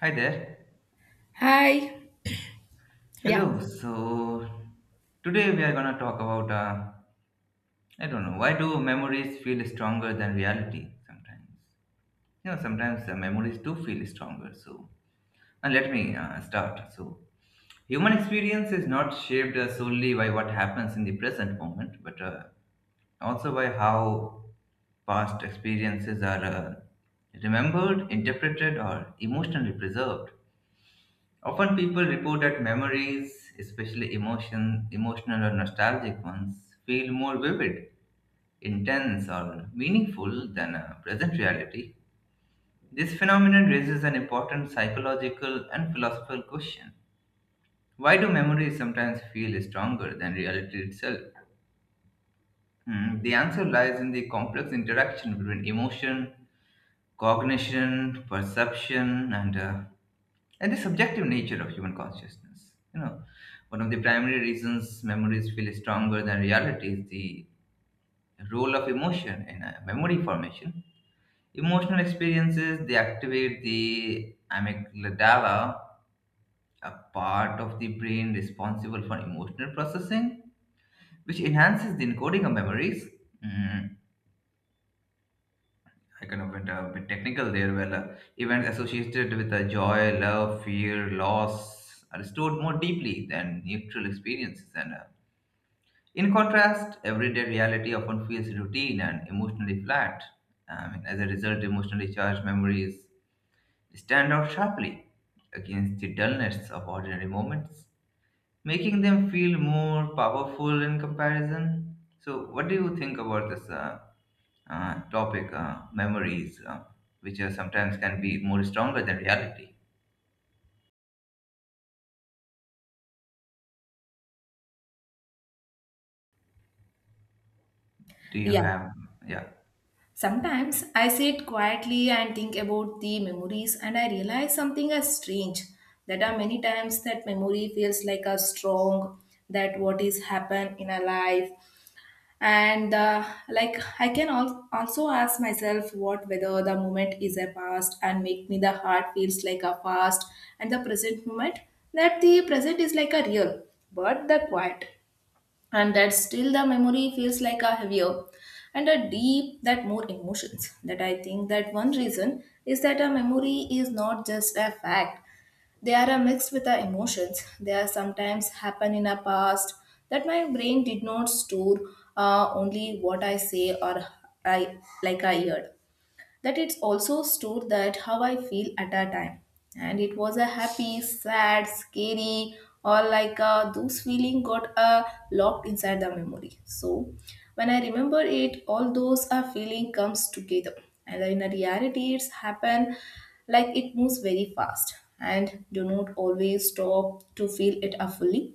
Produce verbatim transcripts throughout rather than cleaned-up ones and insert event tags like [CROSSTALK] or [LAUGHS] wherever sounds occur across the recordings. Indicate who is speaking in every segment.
Speaker 1: Hi there.
Speaker 2: Hi. Yeah.
Speaker 1: Hello. So today we are gonna talk about uh, I don't know, why do memories feel stronger than reality sometimes? You know, sometimes uh, memories do feel stronger. So and let me uh, start. So human experience is not shaped uh, solely by what happens in the present moment, but uh, also by how past experiences are uh, remembered, interpreted, or emotionally preserved. Often people report that memories, especially emotion, emotional or nostalgic ones, feel more vivid, intense or meaningful than a present reality. This phenomenon raises an important psychological and philosophical question. Why do memories sometimes feel stronger than reality itself? Hmm, the answer lies in the complex interaction between emotion, cognition, perception, and uh, and the subjective nature of human consciousness. You know, one of the primary reasons memories feel stronger than reality is the role of emotion in uh, memory formation. Emotional experiences they activate the amygdala, a part of the brain responsible for emotional processing, which enhances the encoding of memories. Mm, I kind of went a bit technical there. Well, uh, events associated with uh, joy, love, fear, loss are stored more deeply than neutral experiences and uh, in contrast, everyday reality often feels routine and emotionally flat. I mean, as a result, emotionally charged memories stand out sharply against the dullness of ordinary moments, making them feel more powerful in comparison. So, what do you think about this uh, uh, topic, uh, memories, uh, which are sometimes can be more stronger than reality? Do you
Speaker 2: Yeah.
Speaker 1: have, yeah?
Speaker 2: Sometimes I sit quietly and think about the memories, and I realize something as strange. That are many times that memory feels like a strong that what is happened in our life, and uh, like I can al- also ask myself what whether the moment is a past and make me the heart feels like a past and the present moment that the present is like a real but the quiet and that still the memory feels like a heavier and a deep that more emotions that I think that one reason is that a memory is not just a fact, they are a mixed with our emotions. They are sometimes happen in a past that my brain did not store uh, only what I say or I like I heard that it's also stored that how I feel at that time. And it was a happy, sad, scary, or like uh, those feeling got uh, locked inside the memory. So when I remember it, all those uh, feeling comes together. And in a reality, it's happen like it moves very fast and do not always stop to feel it uh, fully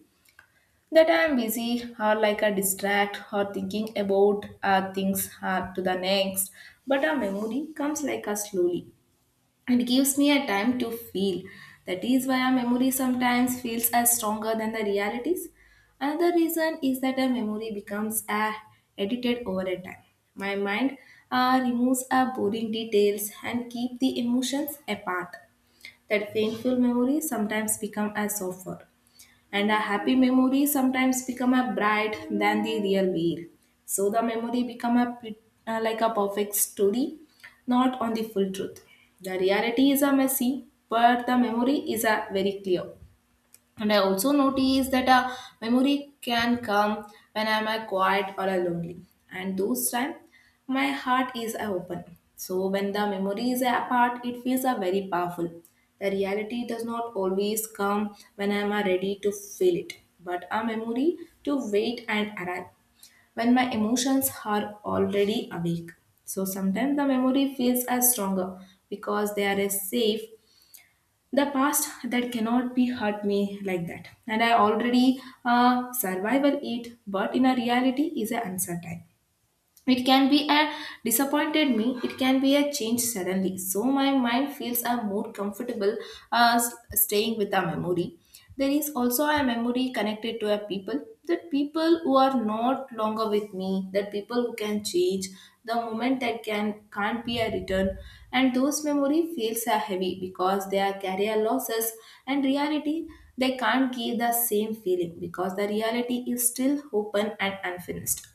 Speaker 2: that I'm busy or like a distract or thinking about uh, things uh, to the next. But a memory comes like a slowly and gives me a time to feel. That is why a memory sometimes feels as stronger than the realities. Another reason is that a memory becomes a edited over a time. My mind uh, removes our boring details and keep the emotions apart. That painful memories sometimes become a suffer and a happy memory sometimes become a bright than the real wear. So the memory become a pit- uh, like a perfect story, not on the full truth. The reality is a messy, but the memory is a very clear. And I also notice that a memory can come when I'm a quiet or a lonely. And those time, my heart is a open. So when the memory is apart, it feels a very powerful. The reality does not always come when I'm a ready to feel it, but a memory to wait and arrive when my emotions are already awake. So sometimes the memory feels as stronger because they are as safe, the past that cannot be hurt me like that and I already uh, survival it, but in a reality is a uncertain. It can be a disappointed me, it can be a change suddenly. So my mind feels a more comfortable uh, s- staying with a memory. There is also a memory connected to a people, the people who are not longer with me, the people who can change, the moment that can can't be a return, and those memory feels are heavy because they are career losses, and reality they can't give the same feeling because the reality is still open and unfinished.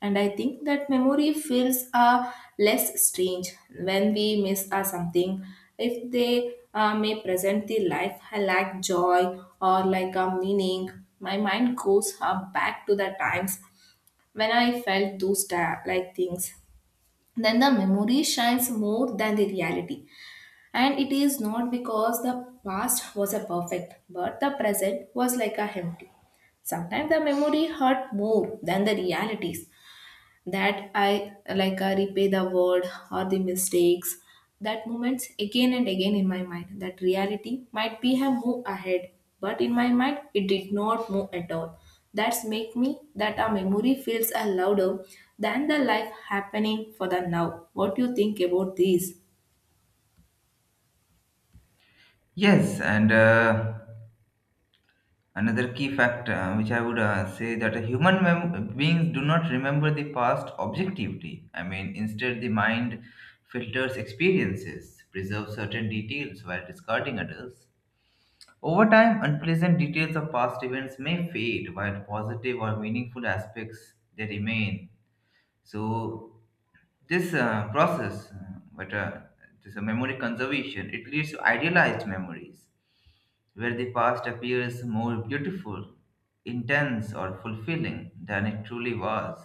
Speaker 2: And I think that memory feels uh, less strange when we miss uh, something. If they uh, may present the life I lack joy or like a meaning, my mind goes uh, back to the times when I felt those ta- like things. Then the memory shines more than the reality. And it is not because the past was a perfect, but the present was like a empty. Sometimes the memory hurt more than the realities that I like I replay the word or the mistakes, that moments again and again in my mind, that reality might be have moved ahead but in my mind it did not move at all. That's make me that a memory feels a louder than the life happening for the now. What do you think about this?
Speaker 1: Yes, and uh, another key factor, which I would uh, say that human mem- beings do not remember the past objectively. I mean, instead, the mind filters experiences, preserves certain details while discarding others. Over time, unpleasant details of past events may fade, while positive or meaningful aspects they remain. So, this uh, process, uh, but uh, this uh, memory conservation, it leads to idealized memories where the past appears more beautiful, intense, or fulfilling than it truly was.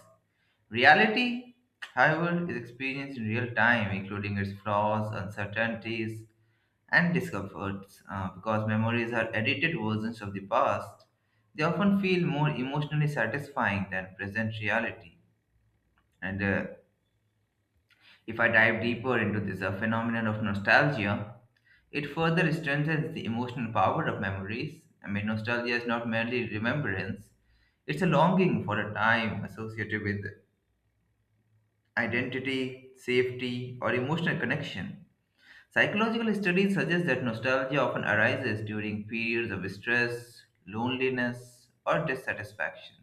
Speaker 1: Reality, however, is experienced in real time, including its flaws, uncertainties, and discomforts. Uh, because memories are edited versions of the past, they often feel more emotionally satisfying than present reality. And uh, if I dive deeper into this uh, phenomenon of nostalgia, it further strengthens the emotional power of memories. I mean, nostalgia is not merely remembrance, it's a longing for a time associated with identity, safety, or emotional connection. Psychological studies suggest that nostalgia often arises during periods of stress, loneliness, or dissatisfaction.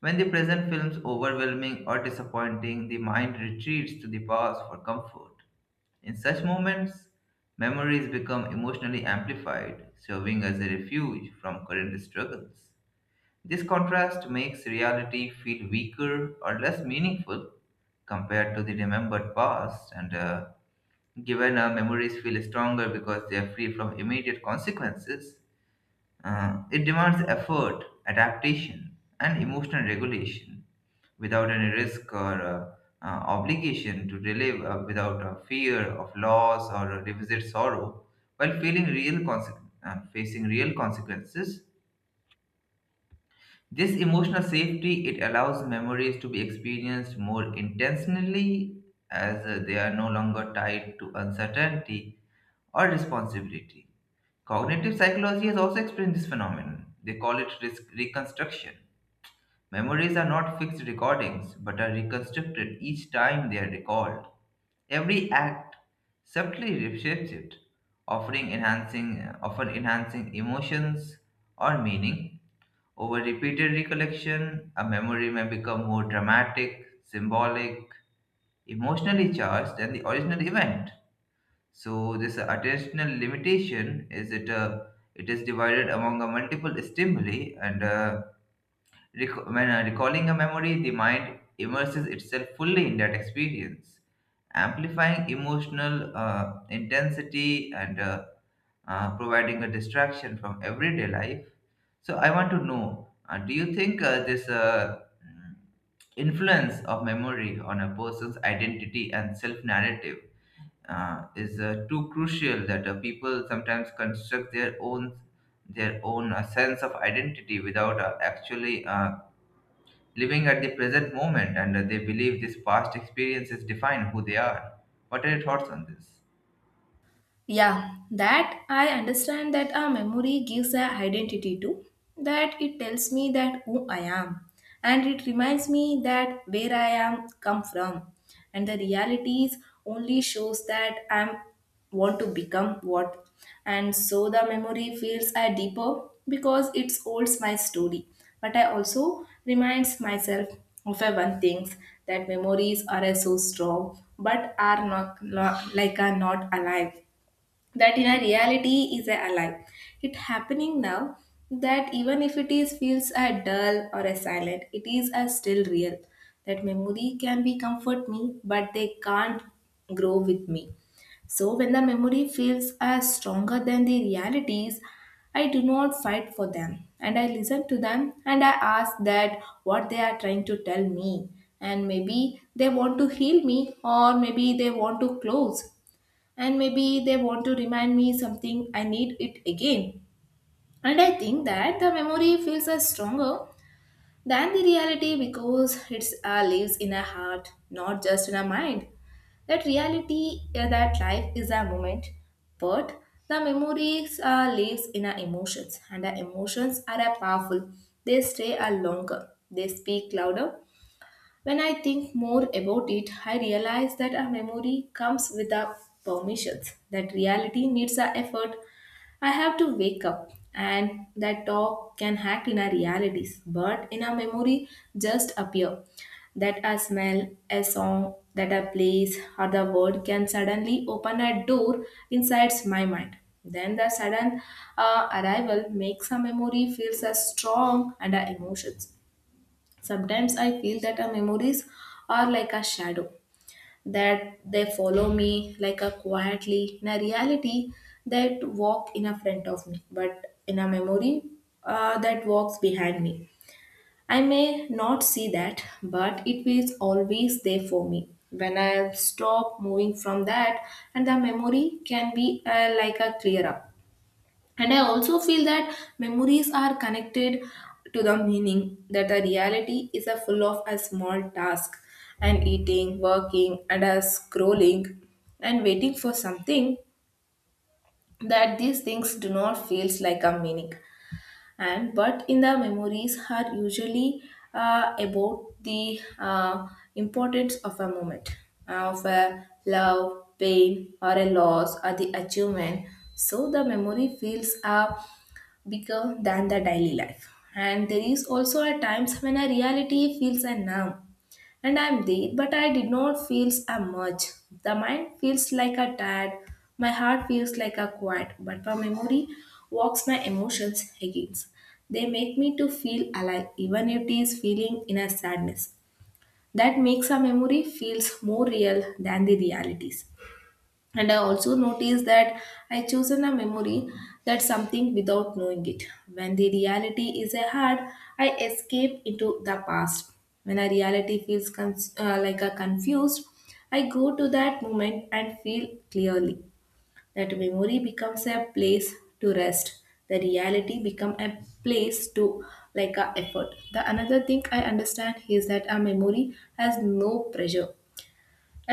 Speaker 1: When the present feels overwhelming or disappointing, the mind retreats to the past for comfort. In such moments, memories become emotionally amplified, serving as a refuge from current struggles. This contrast makes reality feel weaker or less meaningful compared to the remembered past, and uh, given our memories feel stronger because they are free from immediate consequences, uh, it demands effort, adaptation, and emotional regulation without any risk or uh, uh, obligation to relive uh, without a fear of loss or revisit sorrow while feeling real conse- uh, facing real consequences. This emotional safety it allows memories to be experienced more intentionally as uh, they are no longer tied to uncertainty or responsibility. Cognitive psychology has also explained this phenomenon. They call it risk reconstruction. Memories are not fixed recordings, but are reconstructed each time they are recalled. Every act subtly reshapes it, offering enhancing, often enhancing emotions or meaning. Over repeated recollection, a memory may become more dramatic, symbolic, emotionally charged than the original event. So this attentional limitation is it uh, it is divided among uh, multiple stimuli and uh, rec- when uh, recalling a memory, the mind immerses itself fully in that experience, amplifying emotional uh, intensity and uh, uh, providing a distraction from everyday life. So I want to know, uh, do you think uh, this uh, mm, influence of memory on a person's identity and self narrative uh, is uh, too crucial that uh, people sometimes construct their own their own uh, sense of identity without uh, actually uh, living at the present moment, and uh, they believe these past experiences define who they are? What are your thoughts on this?
Speaker 2: Yeah, that I understand that a memory gives a identity to, that it tells me that who I am, and it reminds me that where I am come from, and the realities only shows that I'm want to become what, and so the memory feels a deeper because it holds my story. But I also reminds myself of a one things that memories are a so strong, but are not, not like are not alive, that in a reality is a alive, it happening now, that even if it is feels a dull or a silent it is a still real, that memory can be comfort me but they can't grow with me. So when the memory feels as stronger than the realities, I do not fight for them, and I listen to them, and I ask that what they are trying to tell me. And maybe they want to heal me or maybe they want to close, and maybe they want to remind me something I need it again. And I think that the memory feels as stronger than the reality because it uh, lives in a heart, not just in a mind. That reality, uh, that life is a moment, but the memories uh, lives in our emotions, and our emotions are uh, powerful. They stay uh, longer, they speak louder. When I think more about it, I realize that our memory comes without permissions, that reality needs our effort. I have to wake up, and that talk can act in our realities, but in our memory, just appear. That a smell, a song, that a place, or the word can suddenly open a door inside my mind. Then the sudden uh, arrival makes a memory feels as strong and our emotions. Sometimes I feel that our memories are like a shadow, that they follow me like a quietly in a reality, that walk in a front of me, but in a memory uh, that walks behind me. I may not see that, but it is always there for me. When I stop moving from that, and the memory can be uh, like a clear up. And I also feel that memories are connected to the meaning, that the reality is a full of a small task and eating, working, and a scrolling and waiting for something, that these things do not feels like a meaning, and but in the memories are usually uh, about the uh, importance of a moment uh, of a love pain or a loss or the achievement. So the memory feels uh, bigger than the daily life. And there is also a times when a reality feels a numb. And I'm there, but I did not feel a much. The mind feels like a tired, my heart feels like a quiet, but my memory walks my emotions against. They make me to feel alive, even if it is feeling in a sadness. That makes a memory feels more real than the realities. And I also noticed that I chosen a memory that something without knowing it. When the reality is a hard, I escape into the past. When a reality feels con- uh, like a confused, I go to that moment and feel clearly. That memory becomes a place to rest. The reality become a place to like a effort. The another thing I understand is that a memory has no pressure,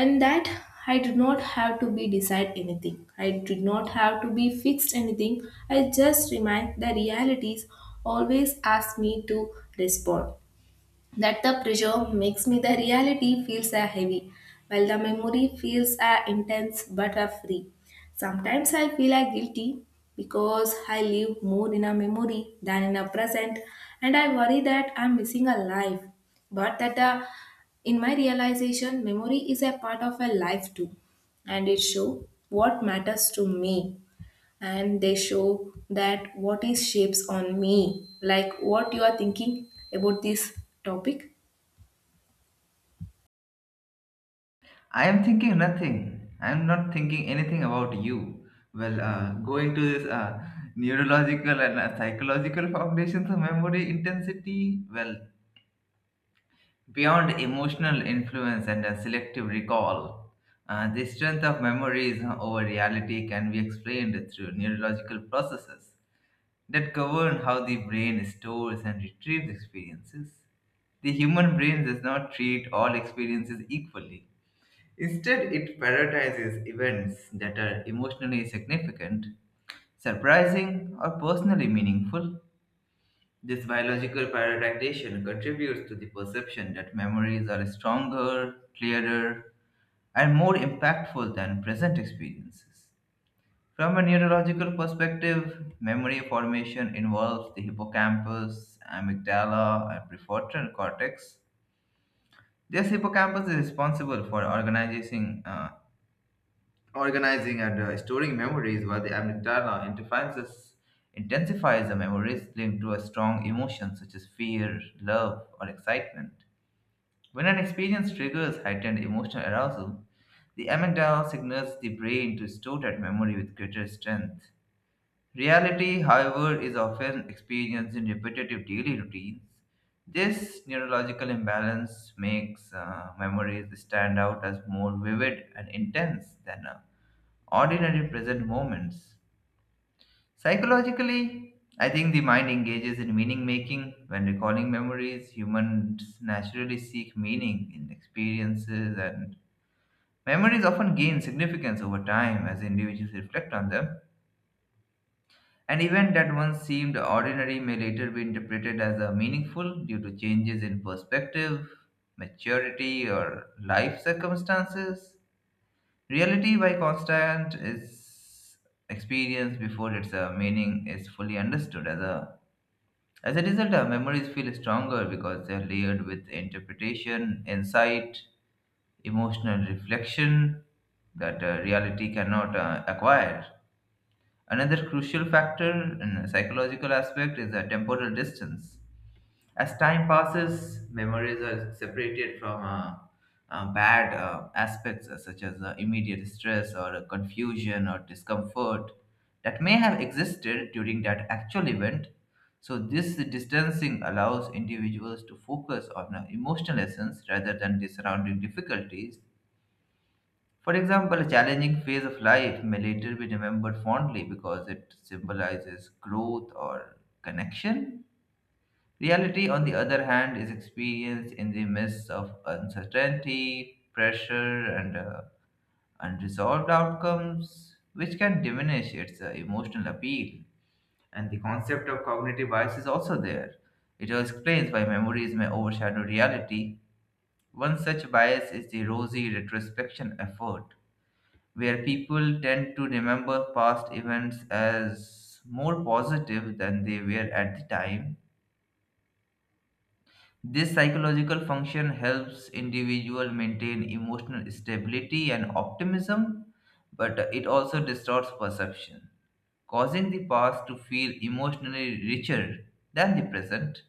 Speaker 2: and that I did not have to be decide anything, I did not have to be fixed anything, I just remind the realities always ask me to respond, that the pressure makes me the reality feels a heavy while the memory feels a intense but a free. Sometimes I feel a guilty because I live more in a memory than in a present, and I worry that I'm missing a life, but that uh, in my realization memory is a part of a life too, and it show what matters to me, and they show that what is shapes on me. Like what you are thinking about this topic?
Speaker 1: I am thinking nothing. I am not thinking anything about you. Well, uh, going to this uh, neurological and uh, psychological foundations of memory intensity. Well, beyond emotional influence and a selective recall, uh, the strength of memories over reality can be explained through neurological processes that govern how the brain stores and retrieves experiences. The human brain does not treat all experiences equally. Instead, it prioritizes events that are emotionally significant, surprising, or personally meaningful. This biological prioritization contributes to the perception that memories are stronger, clearer, and more impactful than present experiences. From a neurological perspective, memory formation involves the hippocampus, amygdala, and prefrontal cortex. This hippocampus is responsible for organizing uh, Organizing and uh, storing memories, where the amygdala intensifies intensifies the memories linked to a strong emotion such as fear, love, or excitement. When an experience triggers heightened emotional arousal, the amygdala signals the brain to store that memory with greater strength. Reality, however, is often experienced in repetitive daily routines. This neurological imbalance makes uh, memories stand out as more vivid and intense than a ordinary present moments. Psychologically, I think the mind engages in meaning making. When recalling memories, humans naturally seek meaning in experiences, and memories often gain significance over time as individuals reflect on them. An event that once seemed ordinary may later be interpreted as a meaningful due to changes in perspective, maturity, or life circumstances. Reality by constant is experienced before its uh, meaning is fully understood. As a as a result, our memories feel stronger because they are layered with interpretation, insight, emotional reflection that uh, reality cannot uh, acquire. Another crucial factor in a psychological aspect is the temporal distance. As time passes, memories are separated from uh, uh, bad uh, aspects uh, such as uh, immediate stress or uh, confusion or discomfort that may have existed during that actual event. So, this distancing allows individuals to focus on uh, emotional essence rather than the surrounding difficulties. For example, a challenging phase of life may later be remembered fondly because it symbolizes growth or connection. Reality, on the other hand, is experienced in the midst of uncertainty, pressure, and uh, unresolved outcomes, which can diminish its uh, emotional appeal. And the concept of cognitive bias is also there. It explains why memories may overshadow reality. One such bias is the rosy retrospection effort, where people tend to remember past events as more positive than they were at the time. This psychological function helps individual maintain emotional stability and optimism, but it also distorts perception, causing the past to feel emotionally richer than the present.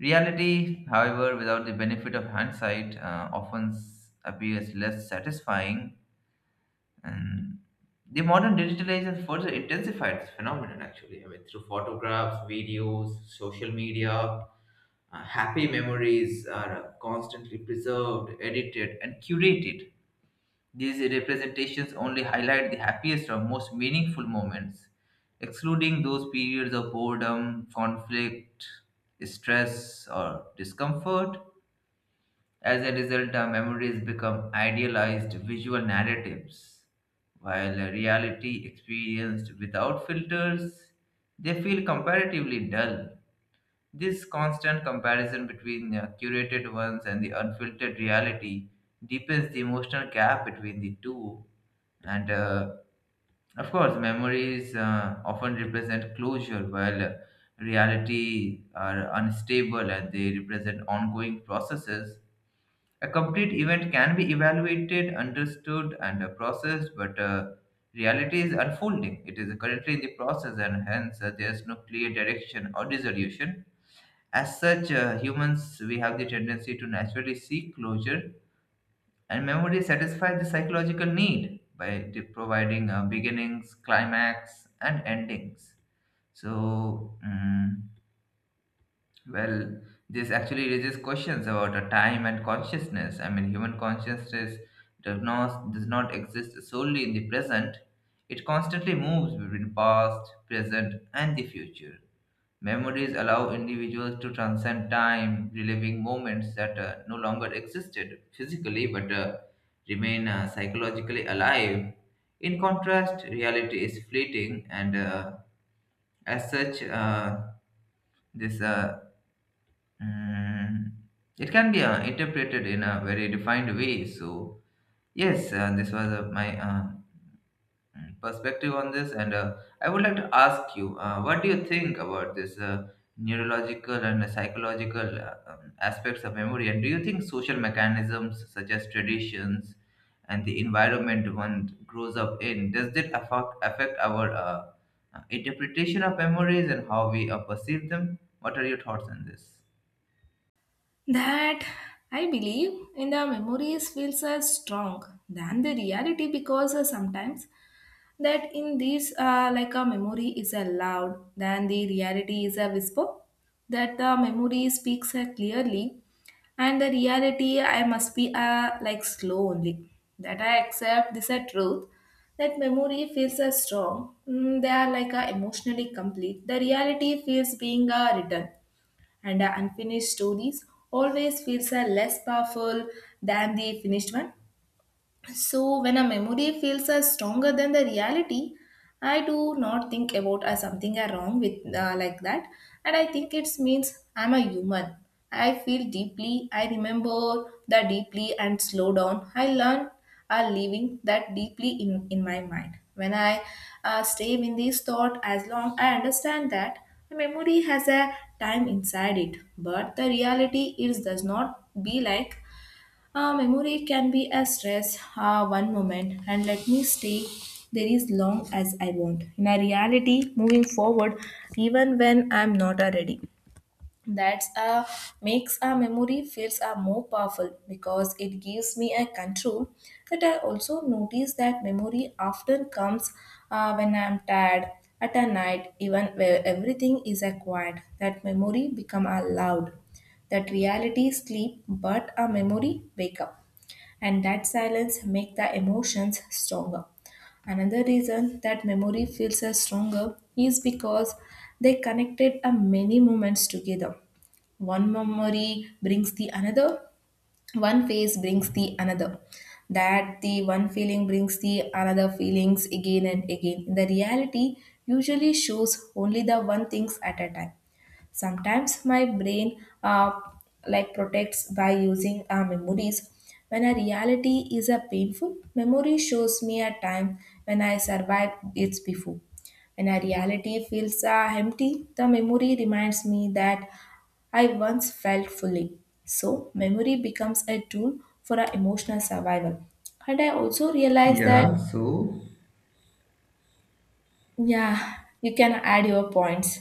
Speaker 1: Reality, however, without the benefit of hindsight, uh, often s- appears less satisfying, and the modern digitalization further intensified this phenomenon actually. I mean, through photographs, videos, social media, uh, happy memories are constantly preserved, edited, and curated. These representations only highlight the happiest or most meaningful moments, excluding those periods of boredom, conflict, stress, or discomfort. As a result, our memories become idealized visual narratives, while a reality experienced without filters, they feel comparatively dull. This constant comparison between the curated ones and the unfiltered reality deepens the emotional gap between the two. And uh, of course, memories uh, often represent closure, while uh, reality are unstable and they represent ongoing processes. A complete event can be evaluated, understood, and uh, processed, but uh, reality is unfolding. It is currently in the process, and hence uh, there is no clear direction or resolution. As such, uh, humans we have the tendency to naturally seek closure, and memory satisfies the psychological need by de- providing uh, beginnings, climax, and endings. So. mm, well, this actually raises questions about a time and consciousness. I mean, human consciousness does not, does not exist solely in the present. It constantly moves between past, present, and the future. Memories allow individuals to transcend time, reliving moments that uh, no longer existed physically but uh, remain uh, psychologically alive. In contrast, reality is fleeting, and uh, as such, uh, this uh, Mm, it can be uh, interpreted in a very defined way. So, yes, uh, this was uh, my uh, mm, perspective on this. And uh, I would like to ask you, uh, what do you think about this uh, neurological and psychological uh, um, aspects of memory? And do you think social mechanisms such as traditions and the environment one grows up in does that affect, affect our uh, uh, interpretation of memories and how we uh, perceive them? What are your thoughts on this?
Speaker 2: That I believe in the memories feels as strong than the reality because uh, sometimes that in these uh, like a memory is a loud then the reality is a whisper, that the memory speaks uh, clearly and the reality I must be uh, like slow only, that I accept this a truth, that memory feels a strong. Mm, they are like a emotionally complete, the reality feels being a written, and uh, unfinished stories always feels a less powerful than the finished one. So, when a memory feels as stronger than the reality, I do not think about as something are wrong with uh, like that, and I think it means I'm a human. I feel deeply. I remember that deeply and slow down. I learn are living that deeply in in my mind. When I uh, stay in this thought as long, I understand that the memory has a time inside it, but the reality is does not be like. Uh, memory can be a stress uh, one moment and let me stay there as long as I want. In a reality, moving forward, even when I'm not uh, ready. That's uh, Makes a memory feels uh, more powerful because it gives me a control that I also notice that memory often comes uh, when I'm tired at a night even where everything is uh, quiet, that memory become uh, loud, that reality sleep but a memory wake up, and that silence make the emotions stronger. Another reason that memory feels as stronger is because they connected a many moments together. One memory brings the another, one phase brings the another, that the one feeling brings the another feelings again and again. The reality usually shows only the one things at a time. Sometimes my brain uh, like protects by using uh, memories. When a reality is a painful, memory shows me a time when I survived it before. When a reality feels uh, empty, the memory reminds me that I once felt fully. So memory becomes a tool for our emotional survival. And I also realize that,
Speaker 1: Yeah, so
Speaker 2: yeah, you can add your points.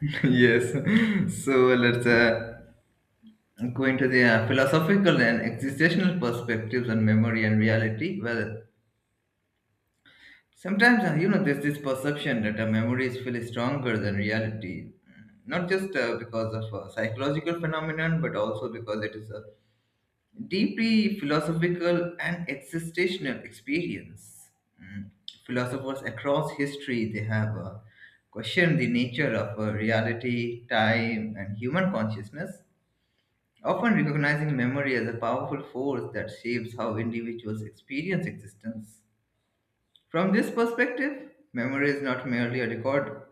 Speaker 1: [LAUGHS] yes, so let's uh, go into the uh, philosophical and existential perspectives on memory and reality. Well, sometimes uh, you know there's this perception that our memories feel stronger than reality, not just uh, because of uh, psychological phenomenon, but also because it is uh, deeply philosophical and existential experience. Mm. Philosophers across history they have uh, questioned the nature of uh, reality, time, and human consciousness, often recognizing memory as a powerful force that shapes how individuals experience existence. From this perspective, memory is not merely a record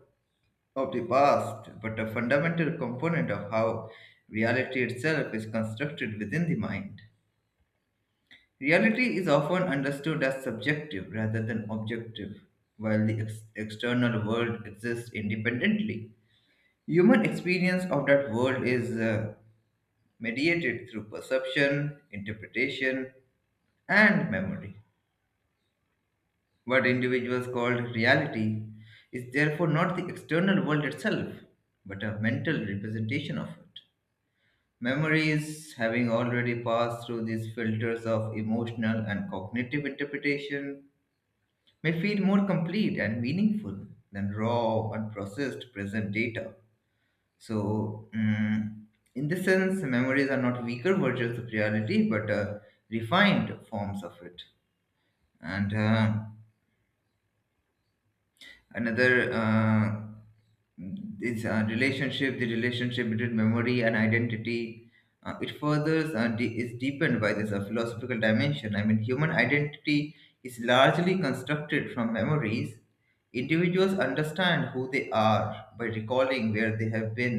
Speaker 1: of the past, but a fundamental component of how reality itself is constructed within the mind. Reality is often understood as subjective rather than objective, while the ex- external world exists independently. Human experience of that world is uh, mediated through perception, interpretation, and memory. What individuals call reality is therefore not the external world itself, but a mental representation of it. Memories, having already passed through these filters of emotional and cognitive interpretation, may feel more complete and meaningful than raw and processed present data. So, mm, in this sense, memories are not weaker versions of reality but uh, refined forms of it. And uh, another uh, is uh, relationship the relationship between memory and identity uh, it furthers uh, de- is deepened by this uh, philosophical dimension. I mean, human identity is largely constructed from memories. Individuals understand who they are by recalling where they have been,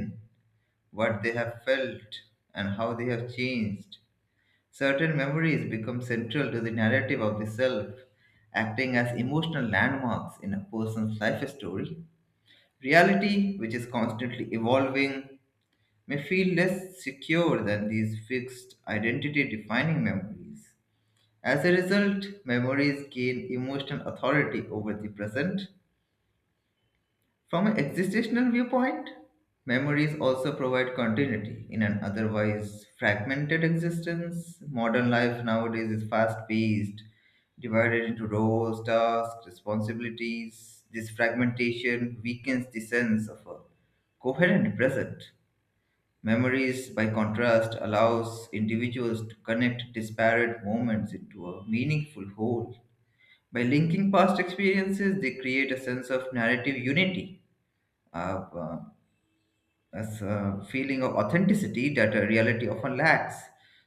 Speaker 1: what they have felt, and how they have changed. Certain memories become central to the narrative of the self, acting as emotional landmarks in a person's life story. Reality, which is constantly evolving, may feel less secure than these fixed identity defining memories. As a result, memories gain emotional authority over the present. From an existential viewpoint, memories also provide continuity in an otherwise fragmented existence. Modern life nowadays is fast paced, divided into roles, tasks, responsibilities. This fragmentation weakens the sense of a coherent present. Memories, by contrast, allows individuals to connect disparate moments into a meaningful whole. By linking past experiences, they create a sense of narrative unity. Uh, uh, as a feeling of authenticity that a reality often lacks.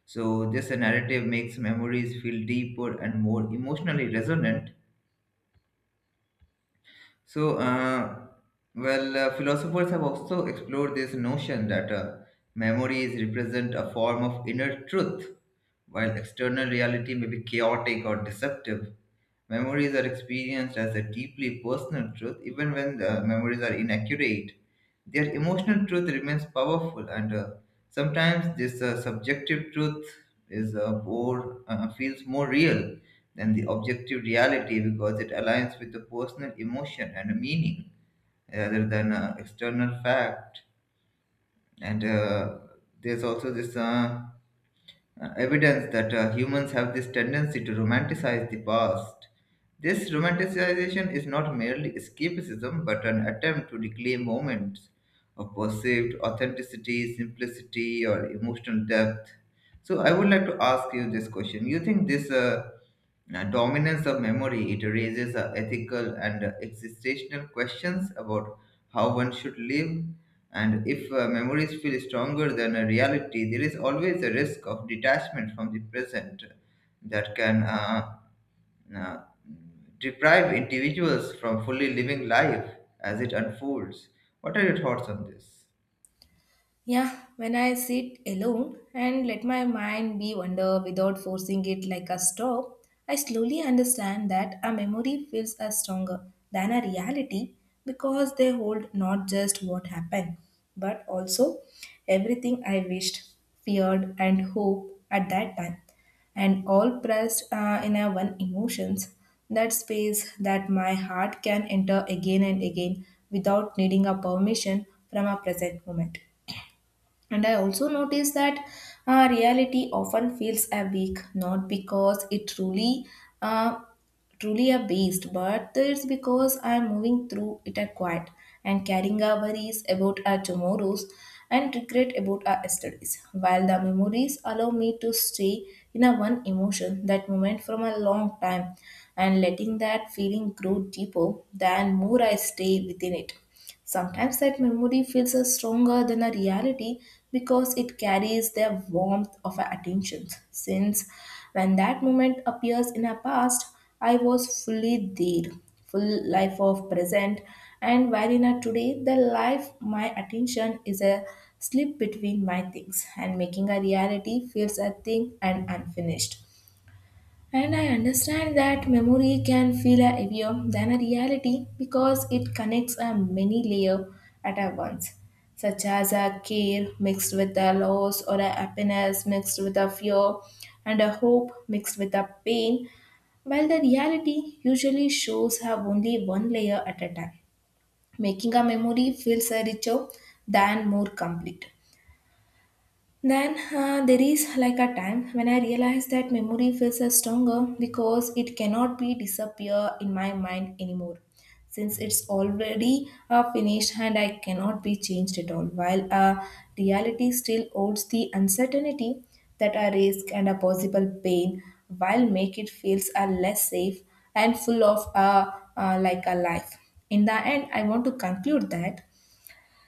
Speaker 1: So this narrative makes memories feel deeper and more emotionally resonant. So, uh, well, uh, philosophers have also explored this notion that uh, memories represent a form of inner truth, while external reality may be chaotic or deceptive. Memories are experienced as a deeply personal truth, even when the memories are inaccurate. Their emotional truth remains powerful, and uh, sometimes this uh, subjective truth is uh, more uh, feels more real than the objective reality because it aligns with the personal emotion and meaning rather than uh, external fact. And uh, there's also this. Uh, uh, evidence that uh, humans have this tendency to romanticize the past. This romanticization is not merely escapism but an attempt to reclaim moments of perceived authenticity, simplicity, or emotional depth. So, I would like to ask you this question. You think this uh, now, dominance of memory, it raises uh, ethical and uh, existential questions about how one should live. And if uh, memories feel stronger than a reality, there is always a risk of detachment from the present that can uh, uh, deprive individuals from fully living life as it unfolds. What are your thoughts on this?
Speaker 2: Yeah, when I sit alone and let my mind be wander without forcing it like a stop, I slowly understand that a memory feels as stronger than a reality because they hold not just what happened, but also everything I wished, feared, and hoped at that time, and all pressed uh, in a one emotions. That space that my heart can enter again and again without needing a permission from a present moment. And I also notice that uh, reality often feels weak, not because it truly, uh, truly a beast, but it's because I am moving through it at quiet and carrying our worries about our tomorrows and regret about our yesterdays. While the memories allow me to stay in a one emotion, that moment from a long time, and letting that feeling grow deeper, than more I stay within it. Sometimes that memory feels uh, stronger than a reality because it carries the warmth of our attention. Since when that moment appears in our past, I was fully there, full life of present, and while in a today, the life my attention is a slip between my things and making a reality feels a thing and unfinished. And I understand that memory can feel heavier than a reality because it connects a many layer at a once, such as a care mixed with a loss or a happiness mixed with a fear and a hope mixed with a pain, while the reality usually shows her only one layer at a time, making a memory feels richer than more complete. Then uh, there is like a time when I realized that memory feels uh, stronger because it cannot be disappear in my mind anymore since it's already uh, finished and I cannot be changed at all, while uh, reality still holds the uncertainty, that a risk and a possible pain, while make it feels a less safe and full of a uh, like a life. In the end, I want to conclude that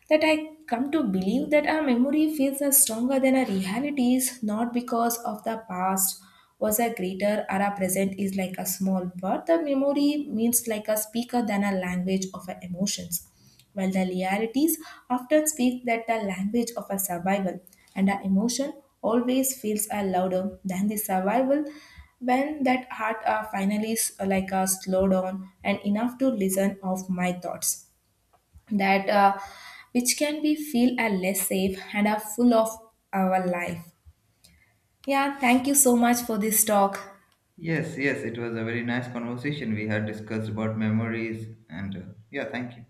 Speaker 2: that I come to believe that our memory feels as stronger than our realities, not because of the past was a greater or our present is like a small, but the memory means like a speaker than a language of our emotions. While the realities often speak that the language of a survival, and our emotion always feels a louder than the survival, when that heart are finally s- like a slow down and enough to listen of my thoughts that uh, which can be feel are less safe and are full of our life. Yeah, thank you so much for this talk.
Speaker 1: Yes, yes, it was a very nice conversation. We had discussed about memories, and uh, yeah, thank you.